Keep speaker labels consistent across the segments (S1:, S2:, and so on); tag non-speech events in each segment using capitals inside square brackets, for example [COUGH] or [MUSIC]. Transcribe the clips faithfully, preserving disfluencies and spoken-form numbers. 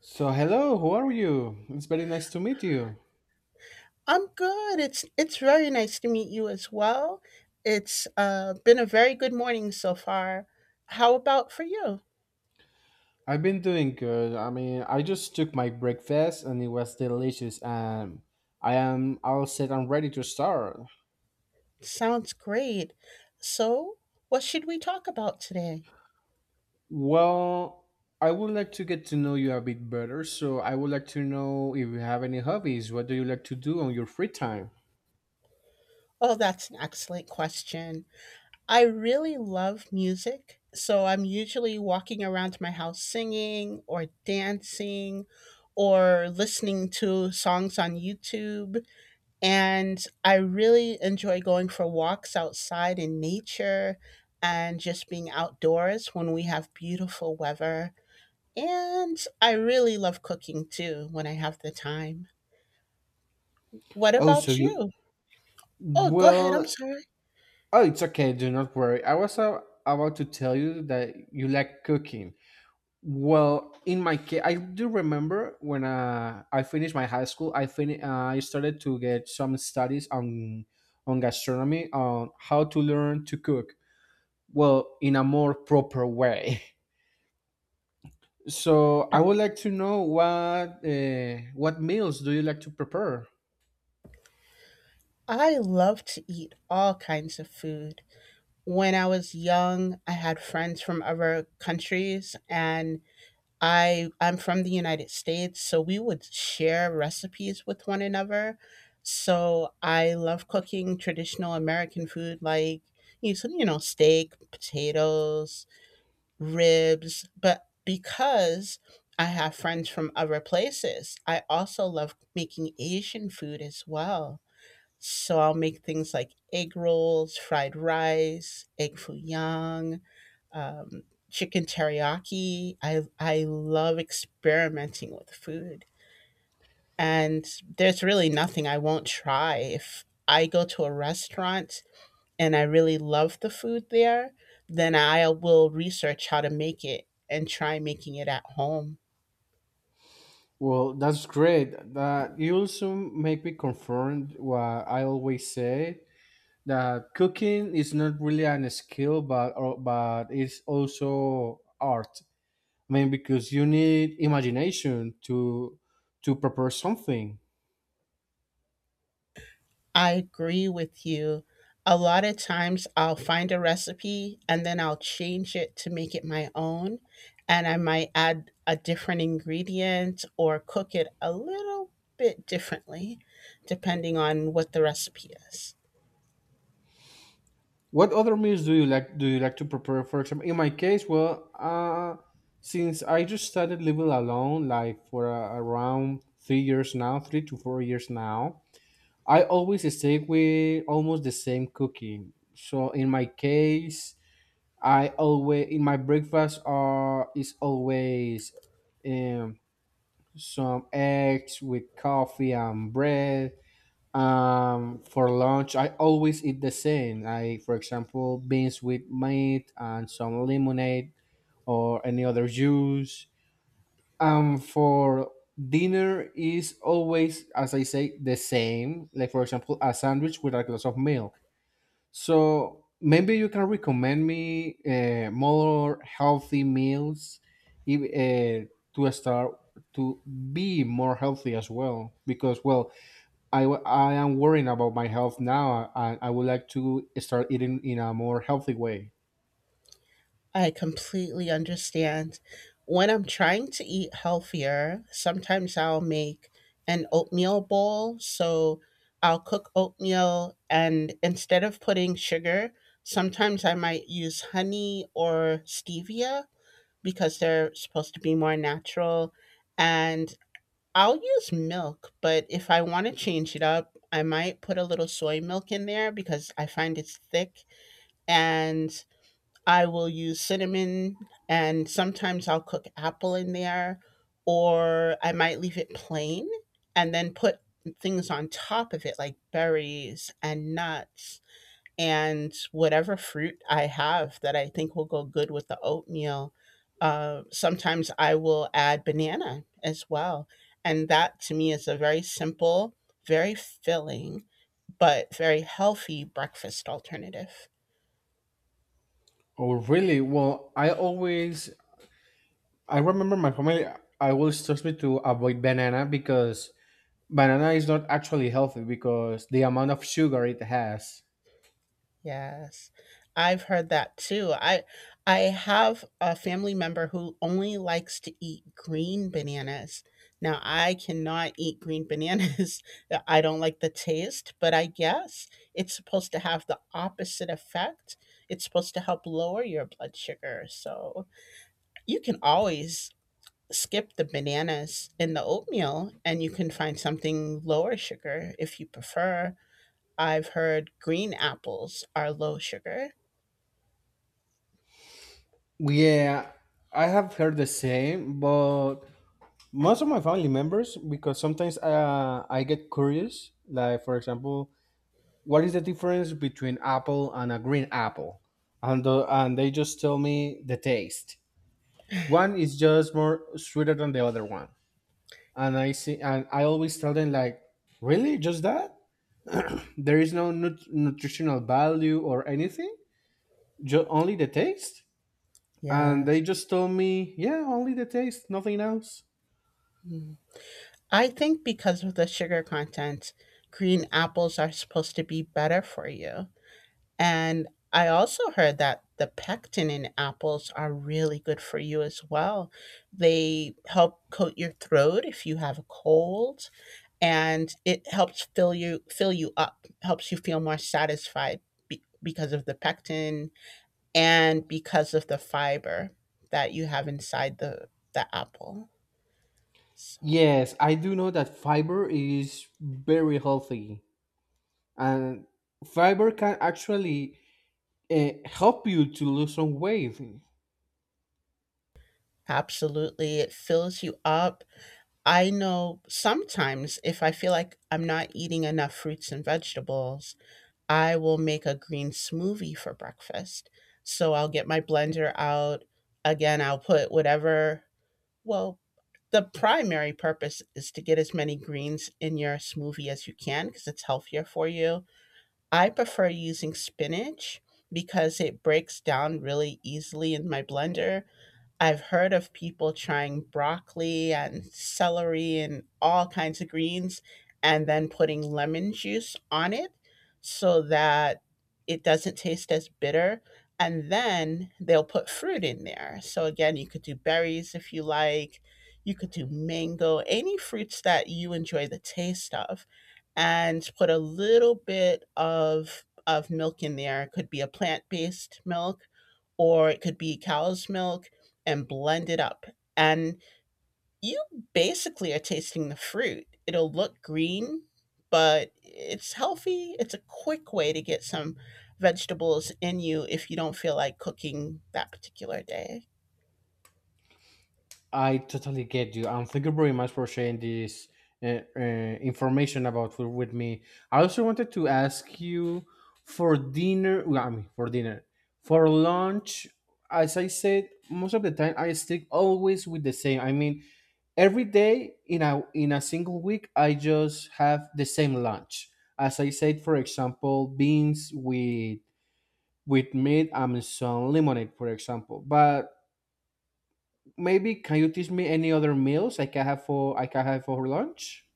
S1: So, hello, how are you? It's very nice to meet you.
S2: I'm good. It's it's very nice to meet you as well. It's uh, been a very good morning so far. How about for you?
S1: I've been doing good. I mean, I just took my breakfast and it was delicious, and I am all set and ready to start.
S2: Sounds great. So, what should we talk about today?
S1: Well, I would like to get to know you a bit better, so I would like to know if you have any hobbies. What do you like to do on your free time?
S2: Oh, that's an excellent question. I really love music. So, I'm usually walking around my house singing or dancing or listening to songs on YouTube. And I really enjoy going for walks outside in nature and just being outdoors when we have beautiful weather. And I really love cooking too when I have the time. What
S1: Oh, so
S2: about
S1: you.
S2: you? Oh, go ahead. I'm
S1: Well,
S2: sorry.
S1: oh, it's okay. Do not worry. I was uh, about to tell you that you like cooking. Well, in my case, I do remember when uh, I finished my high school, I fin- uh, I started to get some studies on on gastronomy, on how to learn to cook, well, in a more proper way. [LAUGHS] So I would like to know what uh, what meals do you like to prepare?
S2: I love to eat all kinds of food. When I was young, I had friends from other countries, and I I'm from the United States, so we would share recipes with one another. So I love cooking traditional American food like you s- you know steak, potatoes, ribs, but because I have friends from other places, I also love making Asian food as well. So I'll make things like egg rolls, fried rice, egg foo young, um, chicken teriyaki. I I love experimenting with food, and there's really nothing I won't try. If I go to a restaurant and I really love the food there, then I will research how to make it and try making it at home.
S1: Well, that's great. That you also make me confirm what I always say that cooking is not really an skill, but or, but it's also art. I mean, because you need imagination to to prepare something.
S2: I agree with you. A lot of times I'll find a recipe and then I'll change it to make it my own. And I might add a different ingredient or cook it a little bit differently, depending on what the recipe is.
S1: What other meals do you like? Do you like to prepare? For example, in my case, well, uh, since I just started living alone, like for uh, around three years now, three to four years now, I always stay with almost the same cooking. So in my case, I always in my breakfast are is always um, some eggs with coffee and bread. Um, for lunch, I always eat the same. I, for example, beans with meat and some lemonade or any other juice. Um, for dinner is always, as I say, the same. Like for example, a sandwich with a glass of milk. So maybe you can recommend me uh, more healthy meals, if, uh, to start to be more healthy as well. Because well, I, wa- I am worrying about my health now, and I would like to start eating in a more healthy way.
S2: I completely understand. When I'm trying to eat healthier, sometimes I'll make an oatmeal bowl. So I'll cook oatmeal, and instead of putting sugar, sometimes I might use honey or stevia because they're supposed to be more natural. And I'll use milk, but if I want to change it up, I might put a little soy milk in there because I find it's thick and I will use cinnamon and sometimes I'll cook apple in there, or I might leave it plain and then put things on top of it like berries and nuts and whatever fruit I have that I think will go good with the oatmeal. Uh, sometimes I will add banana as well. And that to me is a very simple, very filling, but very healthy breakfast alternative.
S1: Oh, really? Well, I always I remember my family I always tells me to avoid banana because banana is not actually healthy because the amount of sugar it has.
S2: Yes. I've heard that too. I I have a family member who only likes to eat green bananas. Now, I cannot eat green bananas. [LAUGHS] I don't like the taste, but I guess it's supposed to have the opposite effect. It's supposed to help lower your blood sugar. So, you can always skip the bananas in the oatmeal and you can find something lower sugar if you prefer. I've heard green apples are low sugar.
S1: Yeah, I have heard the same, but most of my family members because sometimes uh, I get curious. Like for example, what is the difference between apple and a green apple and the, and they just tell me the taste one is just more sweeter than the other one, and I see, and I always tell them like, really, just that there is no nut- nutritional value or anything, just only the taste. And they
S2: Yes.
S1: just told me, yeah, only the taste, nothing else.
S2: Mm. I think because of the sugar content, green apples are supposed to be better for you. And I also heard that the pectin in apples are really good for you as well. They help coat your throat if you have a cold, and it helps fill you fill you up, helps you feel more satisfied be- because of the pectin and because of the fiber that you have inside the the apple. So.
S1: Yes, I do know that fiber is very healthy, and fiber can actually uh, help you to lose some weight.
S2: Absolutely. It fills you up. I know sometimes if I feel like I'm not eating enough fruits and vegetables, I will make a green smoothie for breakfast. So I'll get my blender out. Again, I'll put whatever, well, the primary purpose is to get as many greens in your smoothie as you can because it's healthier for you. I prefer using spinach because it breaks down really easily in my blender. I've heard of people trying broccoli and celery and all kinds of greens and then putting lemon juice on it so that it doesn't taste as bitter. And then they'll put fruit in there. So, again, you could do berries if you like, you could do mango, any fruits that you enjoy the taste of, and put a little bit of, of milk in there. It could be a plant based milk or it could be cow's milk and blend it up. And you basically are tasting the fruit. It'll look green, but it's healthy. It's a quick way to get some vegetables in you if you don't feel like cooking that particular day.
S1: I totally get you. And thank you very much for sharing this uh, uh, information about food with me. I also wanted to ask you for dinner, well, I mean, for dinner, for lunch. As I said, most of the time I stick always with the same. I mean, every day in a in a single week I just have the same lunch, as I said, for example, beans with with meat and some lemonade for example. But maybe can you teach me any other meals I can have for I can have for lunch?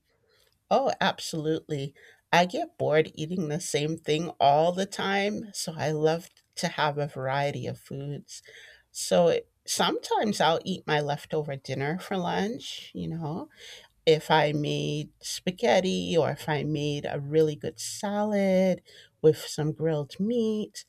S2: Oh, absolutely. I get bored eating the same thing all the time, so I love to have a variety of foods. So it, sometimes I'll eat my leftover dinner for lunch, you know, if I made spaghetti or if I made a really good salad with some grilled meat.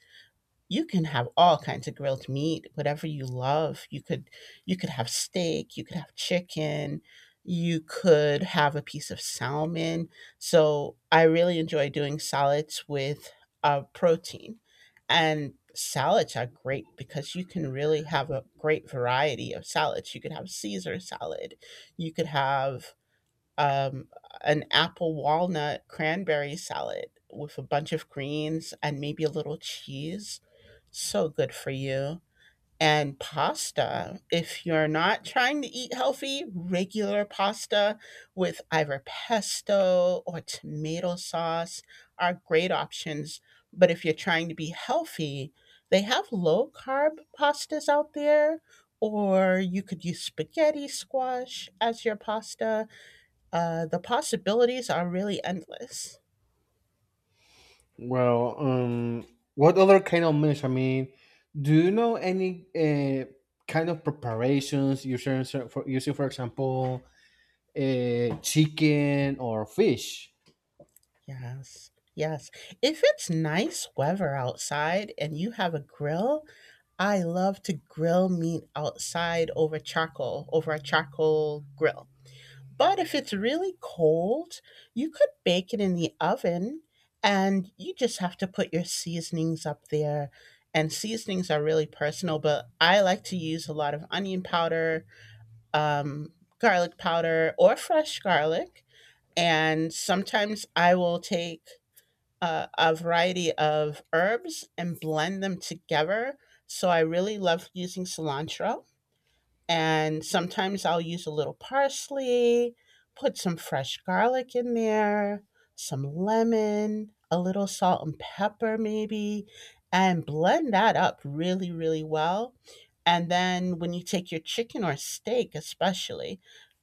S2: You can have all kinds of grilled meat, whatever you love. You could you could have steak, you could have chicken, you could have a piece of salmon. So I really enjoy doing salads with uh, protein. And salads are great because you can really have a great variety of salads. You could have Caesar salad, you could have um, an apple walnut cranberry salad with a bunch of greens and maybe a little cheese. So good for you. And pasta, if you're not trying to eat healthy, regular pasta with either pesto or tomato sauce are great options. But if you're trying to be healthy, they have low carb pastas out there, or you could use spaghetti squash as your pasta. Uh, the possibilities are really endless.
S1: Well, um, what other kind of meals? I mean, do you know any uh, kind of preparations using, for, using for example, uh, chicken or fish?
S2: Yes. Yes. If it's nice weather outside and you have a grill, I love to grill meat outside over charcoal, over a charcoal grill. But if it's really cold, you could bake it in the oven and you just have to put your seasonings up there. And seasonings are really personal, but I like to use a lot of onion powder, um, garlic powder, or fresh garlic. And sometimes I will take a, a variety of herbs and blend them together. So I really love using cilantro. And sometimes I'll use a little parsley, put some fresh garlic in there, some lemon, a little salt and pepper, maybe, and blend that up really, really well. And then when you take your chicken or steak, especially,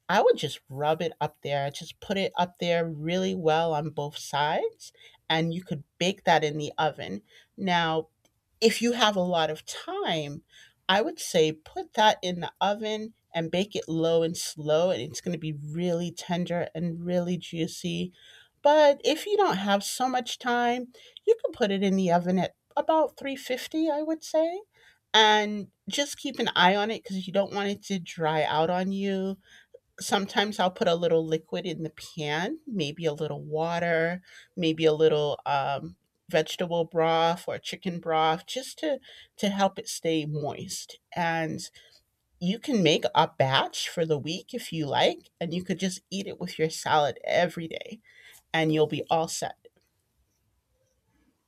S2: I would just rub it up there, just put it up there really well on both sides, and you could bake that in the oven. Now, if you have a lot of time, I would say put that in the oven and bake it low and slow, and it's going to be really tender and really juicy. But if you don't have so much time, you can put it in the oven at about three fifty, I would say. And just keep an eye on it because you don't want it to dry out on you. Sometimes I'll put a little liquid in the pan, maybe a little water, maybe a little, um, vegetable broth or chicken broth just to to help it stay moist. And you can make a batch for the week if you like, and you could just eat it with your salad every day, and you'll be all set.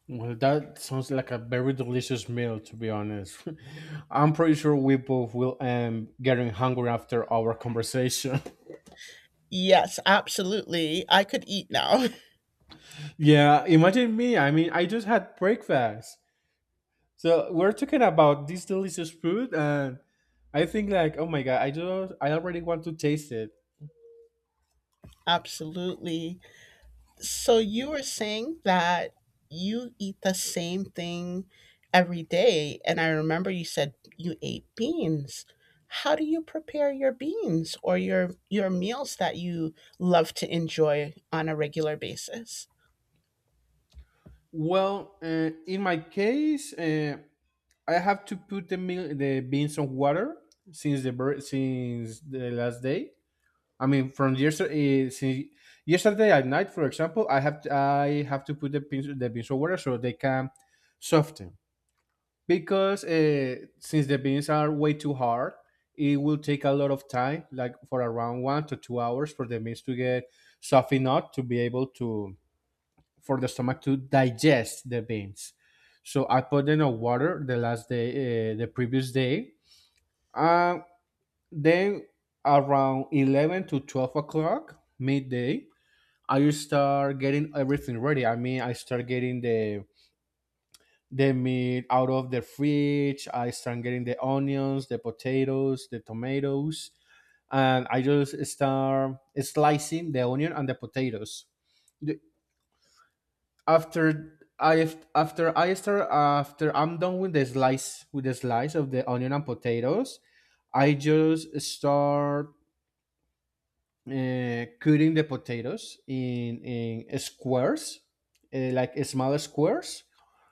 S1: Well, that sounds like a very delicious meal, to be honest. [LAUGHS] I'm pretty sure we both will um getting hungry after our conversation.
S2: Yes, absolutely. I could eat now.
S1: [LAUGHS] Yeah, imagine me. I mean, I just had breakfast. So we're talking about this delicious food, and I think like, oh my god, I just I already want to taste it.
S2: [LAUGHS] Absolutely. So you were saying that you eat the same thing every day, and I remember you said you ate beans. How do you prepare your beans or your your meals that you love to enjoy on a regular basis?
S1: Well, uh, in my case, uh, I have to put the mil- the beans on water since the bur- since the last day. I mean, from yesterday, uh, since yesterday at night, for example, I have to, I have to put the beans the beans on water so they can soften. Because uh, since the beans are way too hard, it will take a lot of time, like for around one to two hours, for the beans to get soft enough to be able to for the stomach to digest the beans. So I put them on water the last day, uh, the previous day. uh, then around eleven to twelve o'clock midday, I start getting everything ready. I mean, I start getting the the meat out of the fridge. I start getting the onions, the potatoes, the tomatoes, and I just start slicing the onion and the potatoes. The- After I after I start after I'm done with the slice with the slice of the onion and potatoes, I just start uh, cutting the potatoes in in squares, uh, like smaller squares,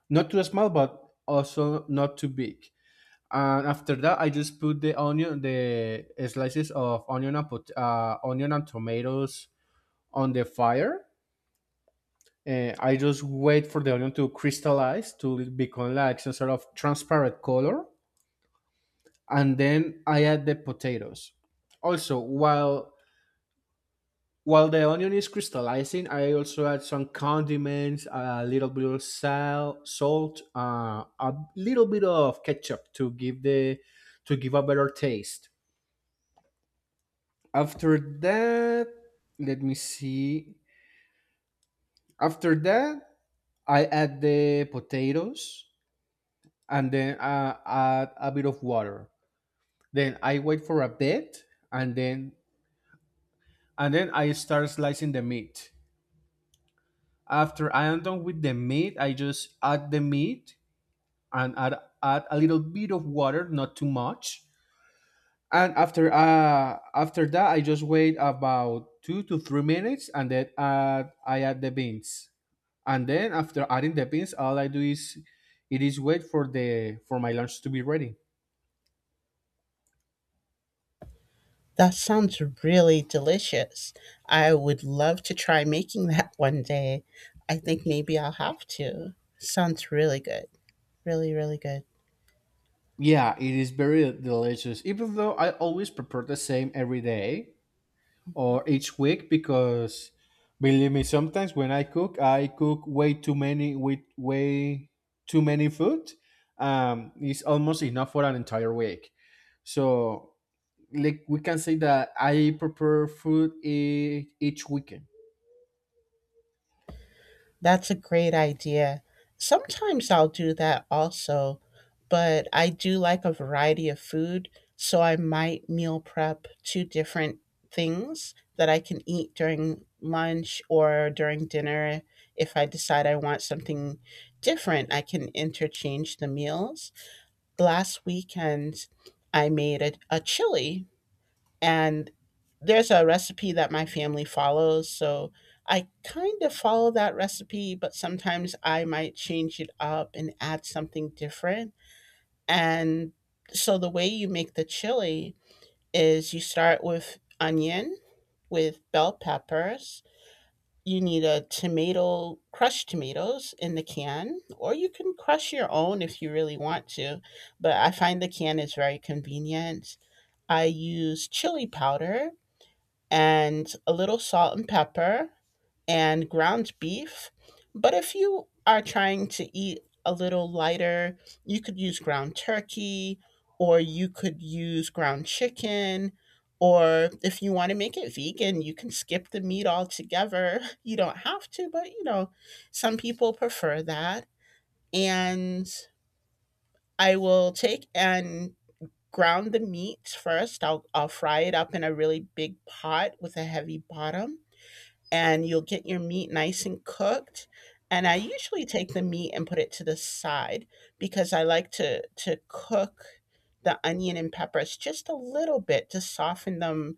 S1: not too small but also not too big. And after that, I just put the onion, the slices of onion and pot- uh, onion and tomatoes on the fire, and I just wait for the onion to crystallize, to become like some sort of transparent color. And then I add the potatoes. Also, while while the onion is crystallizing, I also add some condiments, a little bit of sal, salt, uh, a little bit of ketchup to give the to give a better taste. After that, let me see. After that, I add the potatoes, and then uh, add a bit of water. Then I wait for a bit, and then and then I start slicing the meat. After I am done with the meat, I just add the meat, and add, add a little bit of water, not too much. And after uh after that, I just wait about two to three minutes, and then add, I add the beans. And then after adding the beans, all I do is it is wait for the for my lunch to be ready.
S2: That sounds really delicious. I would love to try making [LAUGHS] that one day. I think maybe I'll have to. Sounds really good. Really, really good.
S1: Yeah, it is very delicious, even though I always prepare the same every day or each week. Because believe me, sometimes when I cook, I cook way too many, with way too many food. Um, it's almost enough for an entire week. So like we can say that I prepare food e- each weekend.
S2: That's a great idea. Sometimes I'll do that also, but I do like a variety of food, so I might meal prep two different things that I can eat during lunch or during dinner. If I decide I want something different, I can interchange the meals. Last weekend, I made a, a chili and there's a recipe that my family follows. So I kind of follow that recipe, but sometimes I might change it up and add something different. And so the way you make the chili is you start with onion, with bell peppers. You need a tomato, crushed tomatoes in the can, or you can crush your own if you really want to, but I find the can is very convenient. I use chili powder and a little salt and pepper and ground beef. But if you are trying to eat a little lighter, you could use ground turkey or you could use ground chicken. Or if you want to make it vegan, you can skip the meat altogether. [LAUGHS] You don't have to, but you know, some people prefer that. And I will take and ground the meat first. I'll, I'll fry it up in a really big pot with a heavy bottom and you'll get your meat nice and cooked. And I usually take the meat and put it to the side because I like to to cook the onion and peppers just a little bit to soften them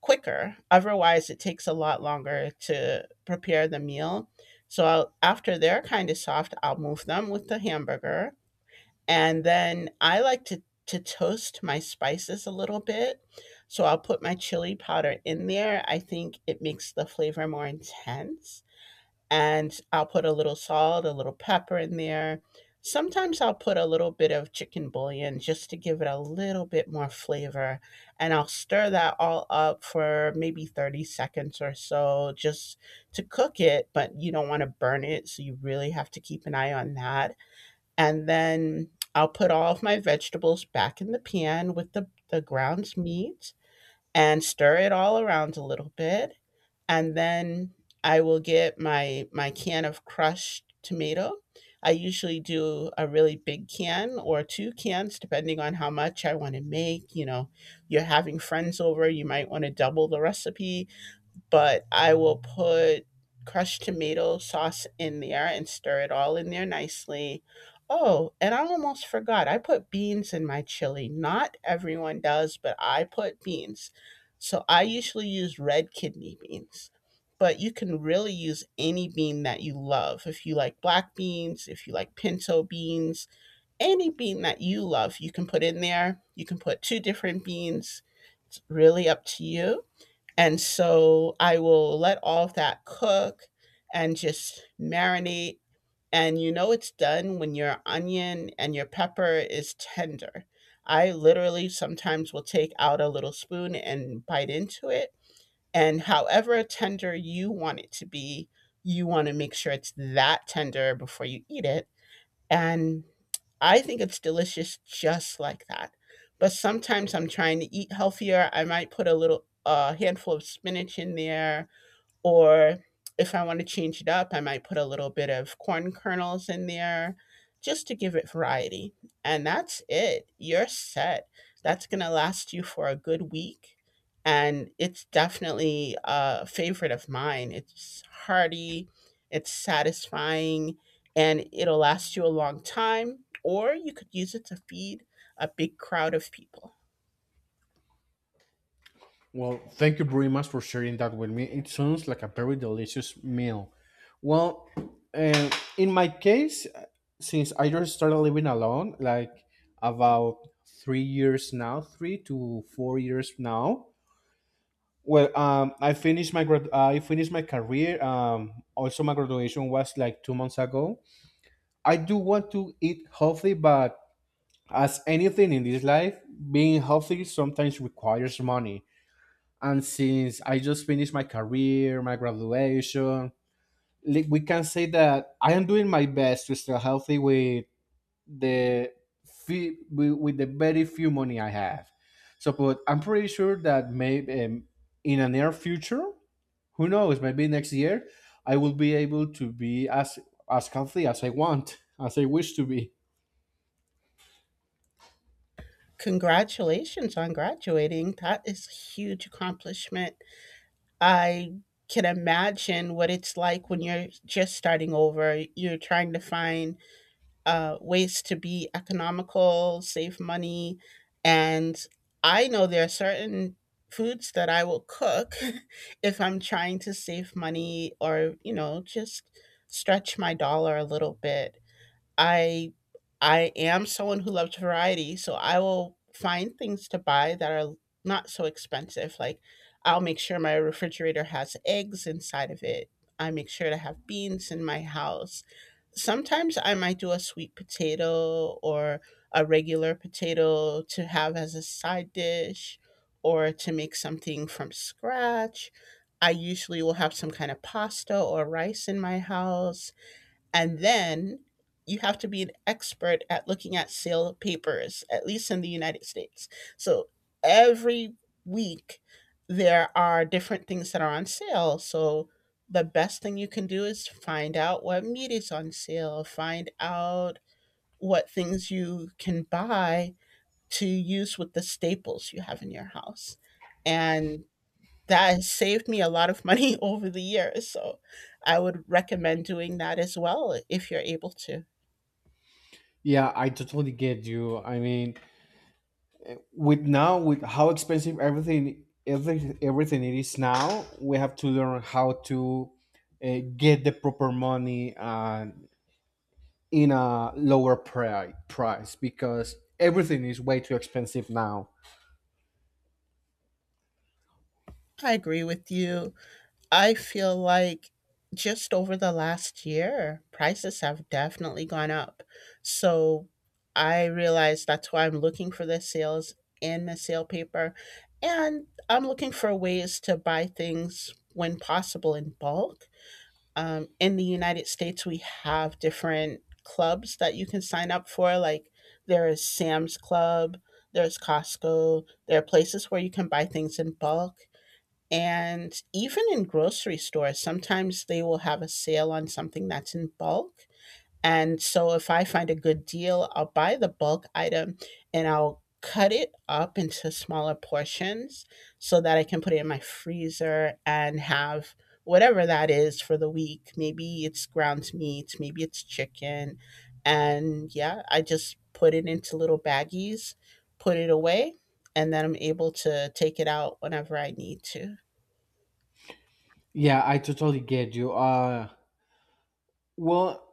S2: quicker. Otherwise, it takes a lot longer to prepare the meal. So I'll, after they're kind of soft, I'll move them with the hamburger and then I like to to toast my spices a little bit. So I'll put my chili powder in there. I think it makes the flavor more intense. And I'll put a little salt, a little pepper in there. Sometimes I'll put a little bit of chicken bouillon just to give it a little bit more flavor. And I'll stir that all up for maybe thirty seconds or so just to cook it, but you don't want to burn it. So you really have to keep an eye on that and then I'll put all of my vegetables back in the pan with the, the ground meat and stir it all around a little bit. And then I will get my my can of crushed tomato. I usually do a really big can or two cans, depending on how much I want to make. You know, you're having friends over, you might want to double the recipe but I will put crushed tomato sauce in there and stir it all in there nicely. Oh, and I almost forgot. I put beans in my chili. Not everyone does, but I put beans. So I usually use red kidney beans. But you can really use any bean that you love. If you like black beans, if you like pinto beans, any bean that you love, you can put in there. You can put two different beans. It's really up to you and so I will let all of that cook and just marinate. And you know it's done when your onion and your pepper is tender. I literally sometimes will take out a little spoon and bite into it. And however tender you want it to be, you want to make sure it's that tender before you eat it. And I think it's delicious just like that. But sometimes I'm trying to eat healthier. I might put a little a handful of spinach in there or if I want to change it up, I might put a little bit of corn kernels in there just to give it variety. And that's it. You're set. That's going to last you for a good week. And it's definitely a favorite of mine. It's hearty, it's satisfying, and it'll last you a long time. Or you could use it to feed a big crowd of people.
S1: Well, thank you very much for sharing that with me. It sounds like a very delicious meal. Well, uh, in my case, since I just started living alone, like about three years now, three to four years now. Well, um, I finished my grad. I finished my career. Um, also my graduation was like two months ago. I do want to eat healthy, but as anything in this life, being healthy sometimes requires money. And since I just finished my career, my graduation, like, we can say that I am doing my best to stay healthy with the fe- with, with the very few money I have. So, but I'm pretty sure that maybe um, in a near future, who knows, maybe next year, I will be able to be as as healthy as I want, as I wish to be.
S2: Congratulations on graduating. That is a huge accomplishment. I can imagine what it's like when you're just starting over. You're trying to find uh, ways to be economical, save money. And I know there are certain foods that I will cook [LAUGHS] if I'm trying to save money or, you know, just stretch my dollar a little bit. I I am someone who loves variety, so I will find things to buy that are not so expensive. Like I'll make sure my refrigerator has eggs inside of it. I make sure to have beans in my house. Sometimes I might do a sweet potato or a regular potato to have as a side dish or to make something from scratch. I usually will have some kind of pasta or rice in my house. And then you have to be an expert at looking at sale papers, at least in the United States. So every week there are different things that are on sale. So the best thing you can do is find out what meat is on sale, find out what things you can buy to use with the staples you have in your house. And that has saved me a lot of money [LAUGHS] over the years. So I would recommend doing that as well if you're able to.
S1: Yeah, I totally get you. I mean, with now with how expensive everything every, everything it is now, we have to learn how to uh, get the proper money and in a lower pri- price because everything is way too expensive now.
S2: I agree with you. I feel like just over the last year, prices have definitely gone up. So I realize that's why I'm looking for the sales in the sale paper. And I'm looking for ways to buy things when possible in bulk. Um, in the United States, we have different clubs that you can sign up for. Like there is Sam's Club, there's Costco, there are places where you can buy things in bulk. And even in grocery stores, sometimes they will have a sale on something that's in bulk. And so if I find a good deal, I'll buy the bulk item and I'll cut it up into smaller portions so that I can put it in my freezer and have whatever that is for the week. Maybe it's ground meat, maybe it's chicken. And yeah, I just put it into little baggies, put it away, and then I'm able to take it out whenever I need to.
S1: Yeah, I totally get you. Uh well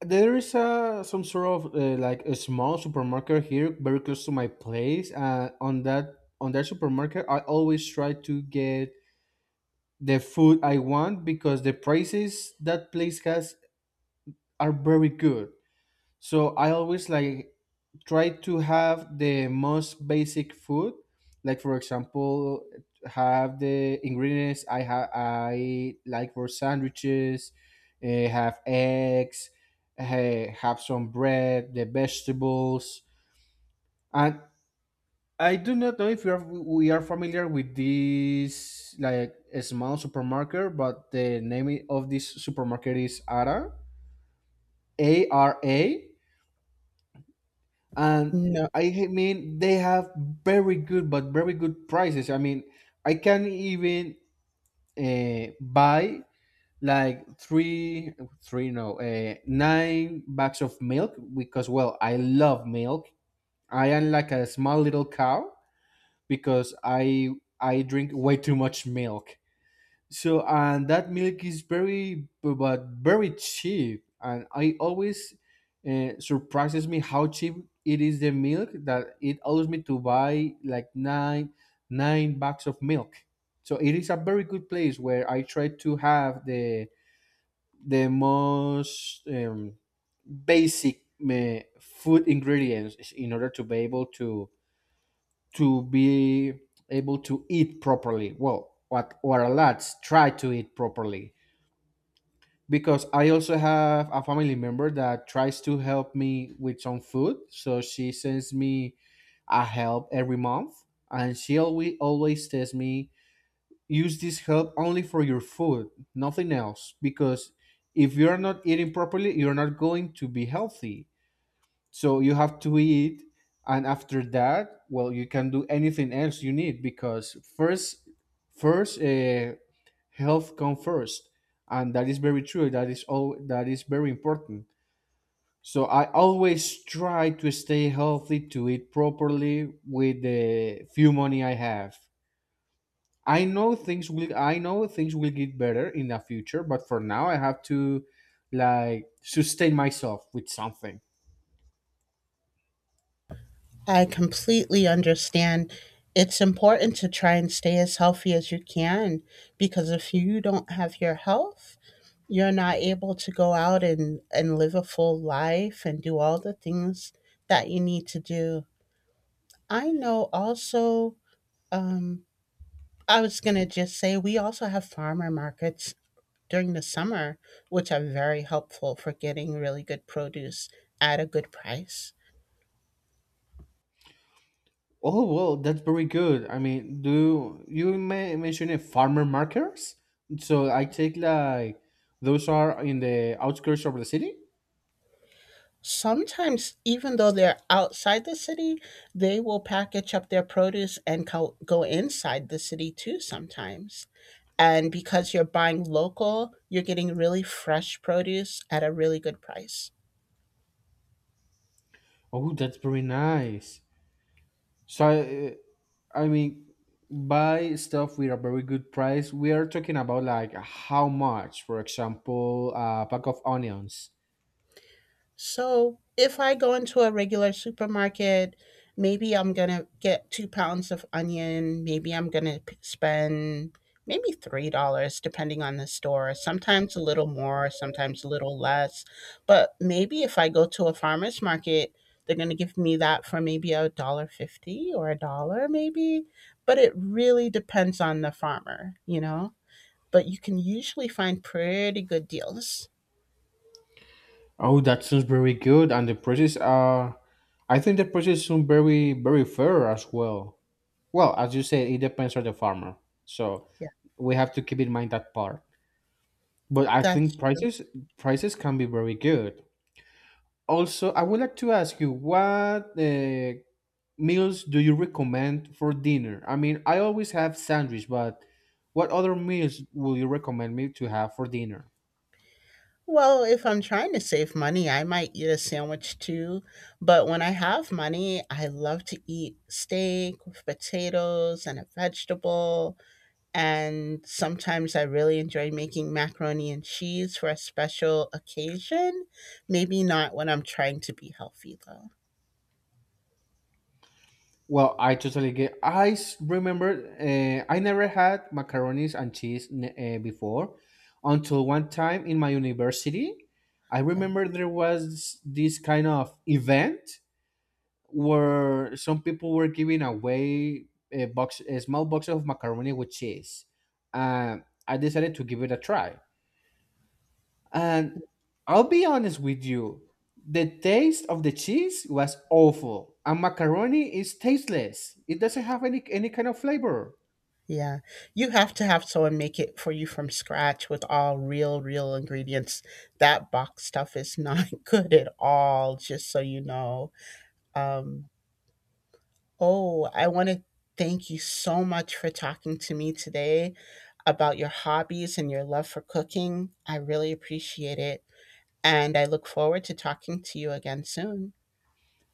S1: there is uh, some sort of uh, like a small supermarket here very close to my place. Uh, on that on that supermarket, I always try to get the food I want because the prices that place has are very good. So I always like try to have the most basic food, like for example, have the ingredients I have I like for sandwiches, eh, have eggs, eh, have some bread, the vegetables. And I do not know if you are, we are familiar with this like a small supermarket, but the name of this supermarket is Ara, A R A. And
S2: No.
S1: I ha- mean, they have very good, but very good prices. I mean, I can even uh, buy like three, three no, uh, nine bags of milk because well, I love milk. I am like a small little cow because I I drink way too much milk. So and that milk is very, but very cheap. And I always uh, surprises me how cheap it is the milk, that it allows me to buy like nine nine bags of milk. So it is a very good place where I try to have the the most um, basic uh, food ingredients in order to be able to to be able to eat properly. Well, what what our lads try to eat properly, because I also have a family member that tries to help me with some food. So she sends me a help every month, and she always always tells me, use this help only for your food, nothing else, because if you're not eating properly, you're not going to be healthy. So you have to eat, and after that, well, you can do anything else you need, because first, first, uh, health come first. And that is very true. That is all. That is very important. So I always try to stay healthy, to eat properly with the few money I have. I know things will. I know things will get better in the future, but for now, I have to like sustain myself with something.
S2: I completely understand. It's important to try and stay as healthy as you can because if you don't have your health, you're not able to go out and, and live a full life and do all the things that you need to do. I know also, um, I was going to just say, we also have farmer markets during the summer, which are very helpful for getting really good produce at a good price.
S1: Oh well, that's very good. I mean, do you may mention a farmer markers? So I take like those are in the outskirts of the city.
S2: Sometimes, even though they're outside the city, they will package up their produce and co- go inside the city too sometimes. And because you're buying local, you're getting really fresh produce at a really good price.
S1: Oh, that's very nice. So I, I mean, buy stuff with a very good price. We are talking about like how much, for example, a pack of onions.
S2: So if I go into a regular supermarket, maybe I'm gonna get two pounds of onion. Maybe I'm gonna p- spend maybe three dollars, depending on the store. Sometimes a little more, sometimes a little less. But maybe if I go to a farmer's market, they're gonna give me that for maybe a dollar fifty or a dollar, maybe. But it really depends on the farmer, you know. But you can usually find pretty good deals.
S1: Oh, that sounds very good, and the prices are. I think the prices sound very, very fair as well. Well, as you said, it depends on the farmer. So
S2: Yeah,
S1: we have to keep in mind that part. But I
S2: that's
S1: think prices prices can be very good. Also, I would like to ask you what uh, meals do you recommend for dinner? I mean, I always have sandwich, but what other meals will you recommend me to have for dinner?
S2: Well, if I'm trying to save money, I might eat a sandwich too. But when I have money, I love to eat steak with potatoes and a vegetable. And sometimes I really enjoy making macaroni and cheese for a special occasion. Maybe not when I'm trying to be healthy, though.
S1: Well, I totally get. I s- remember uh, I never had macaronis and cheese uh, before until one time in my university. I
S2: Yeah.
S1: remember there was this kind of event where some people were giving away a box, a small box of macaroni with cheese. Uh, I decided to give it a try. And I'll be honest with you, the taste of the cheese was awful, and macaroni is tasteless. It doesn't have any any kind of flavor.
S2: Yeah. You have to have someone make it for you from scratch with all real, real ingredients. That box stuff is not [LAUGHS] good at all, just so you know. Um, Oh, I want to thank you so much for talking to me today about your hobbies and your love for cooking. I really appreciate it. And I look forward to talking to you again soon.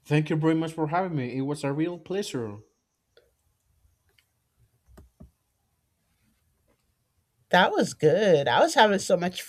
S1: Thank you very much for having me. It was a real pleasure.
S2: That was good. I was having so much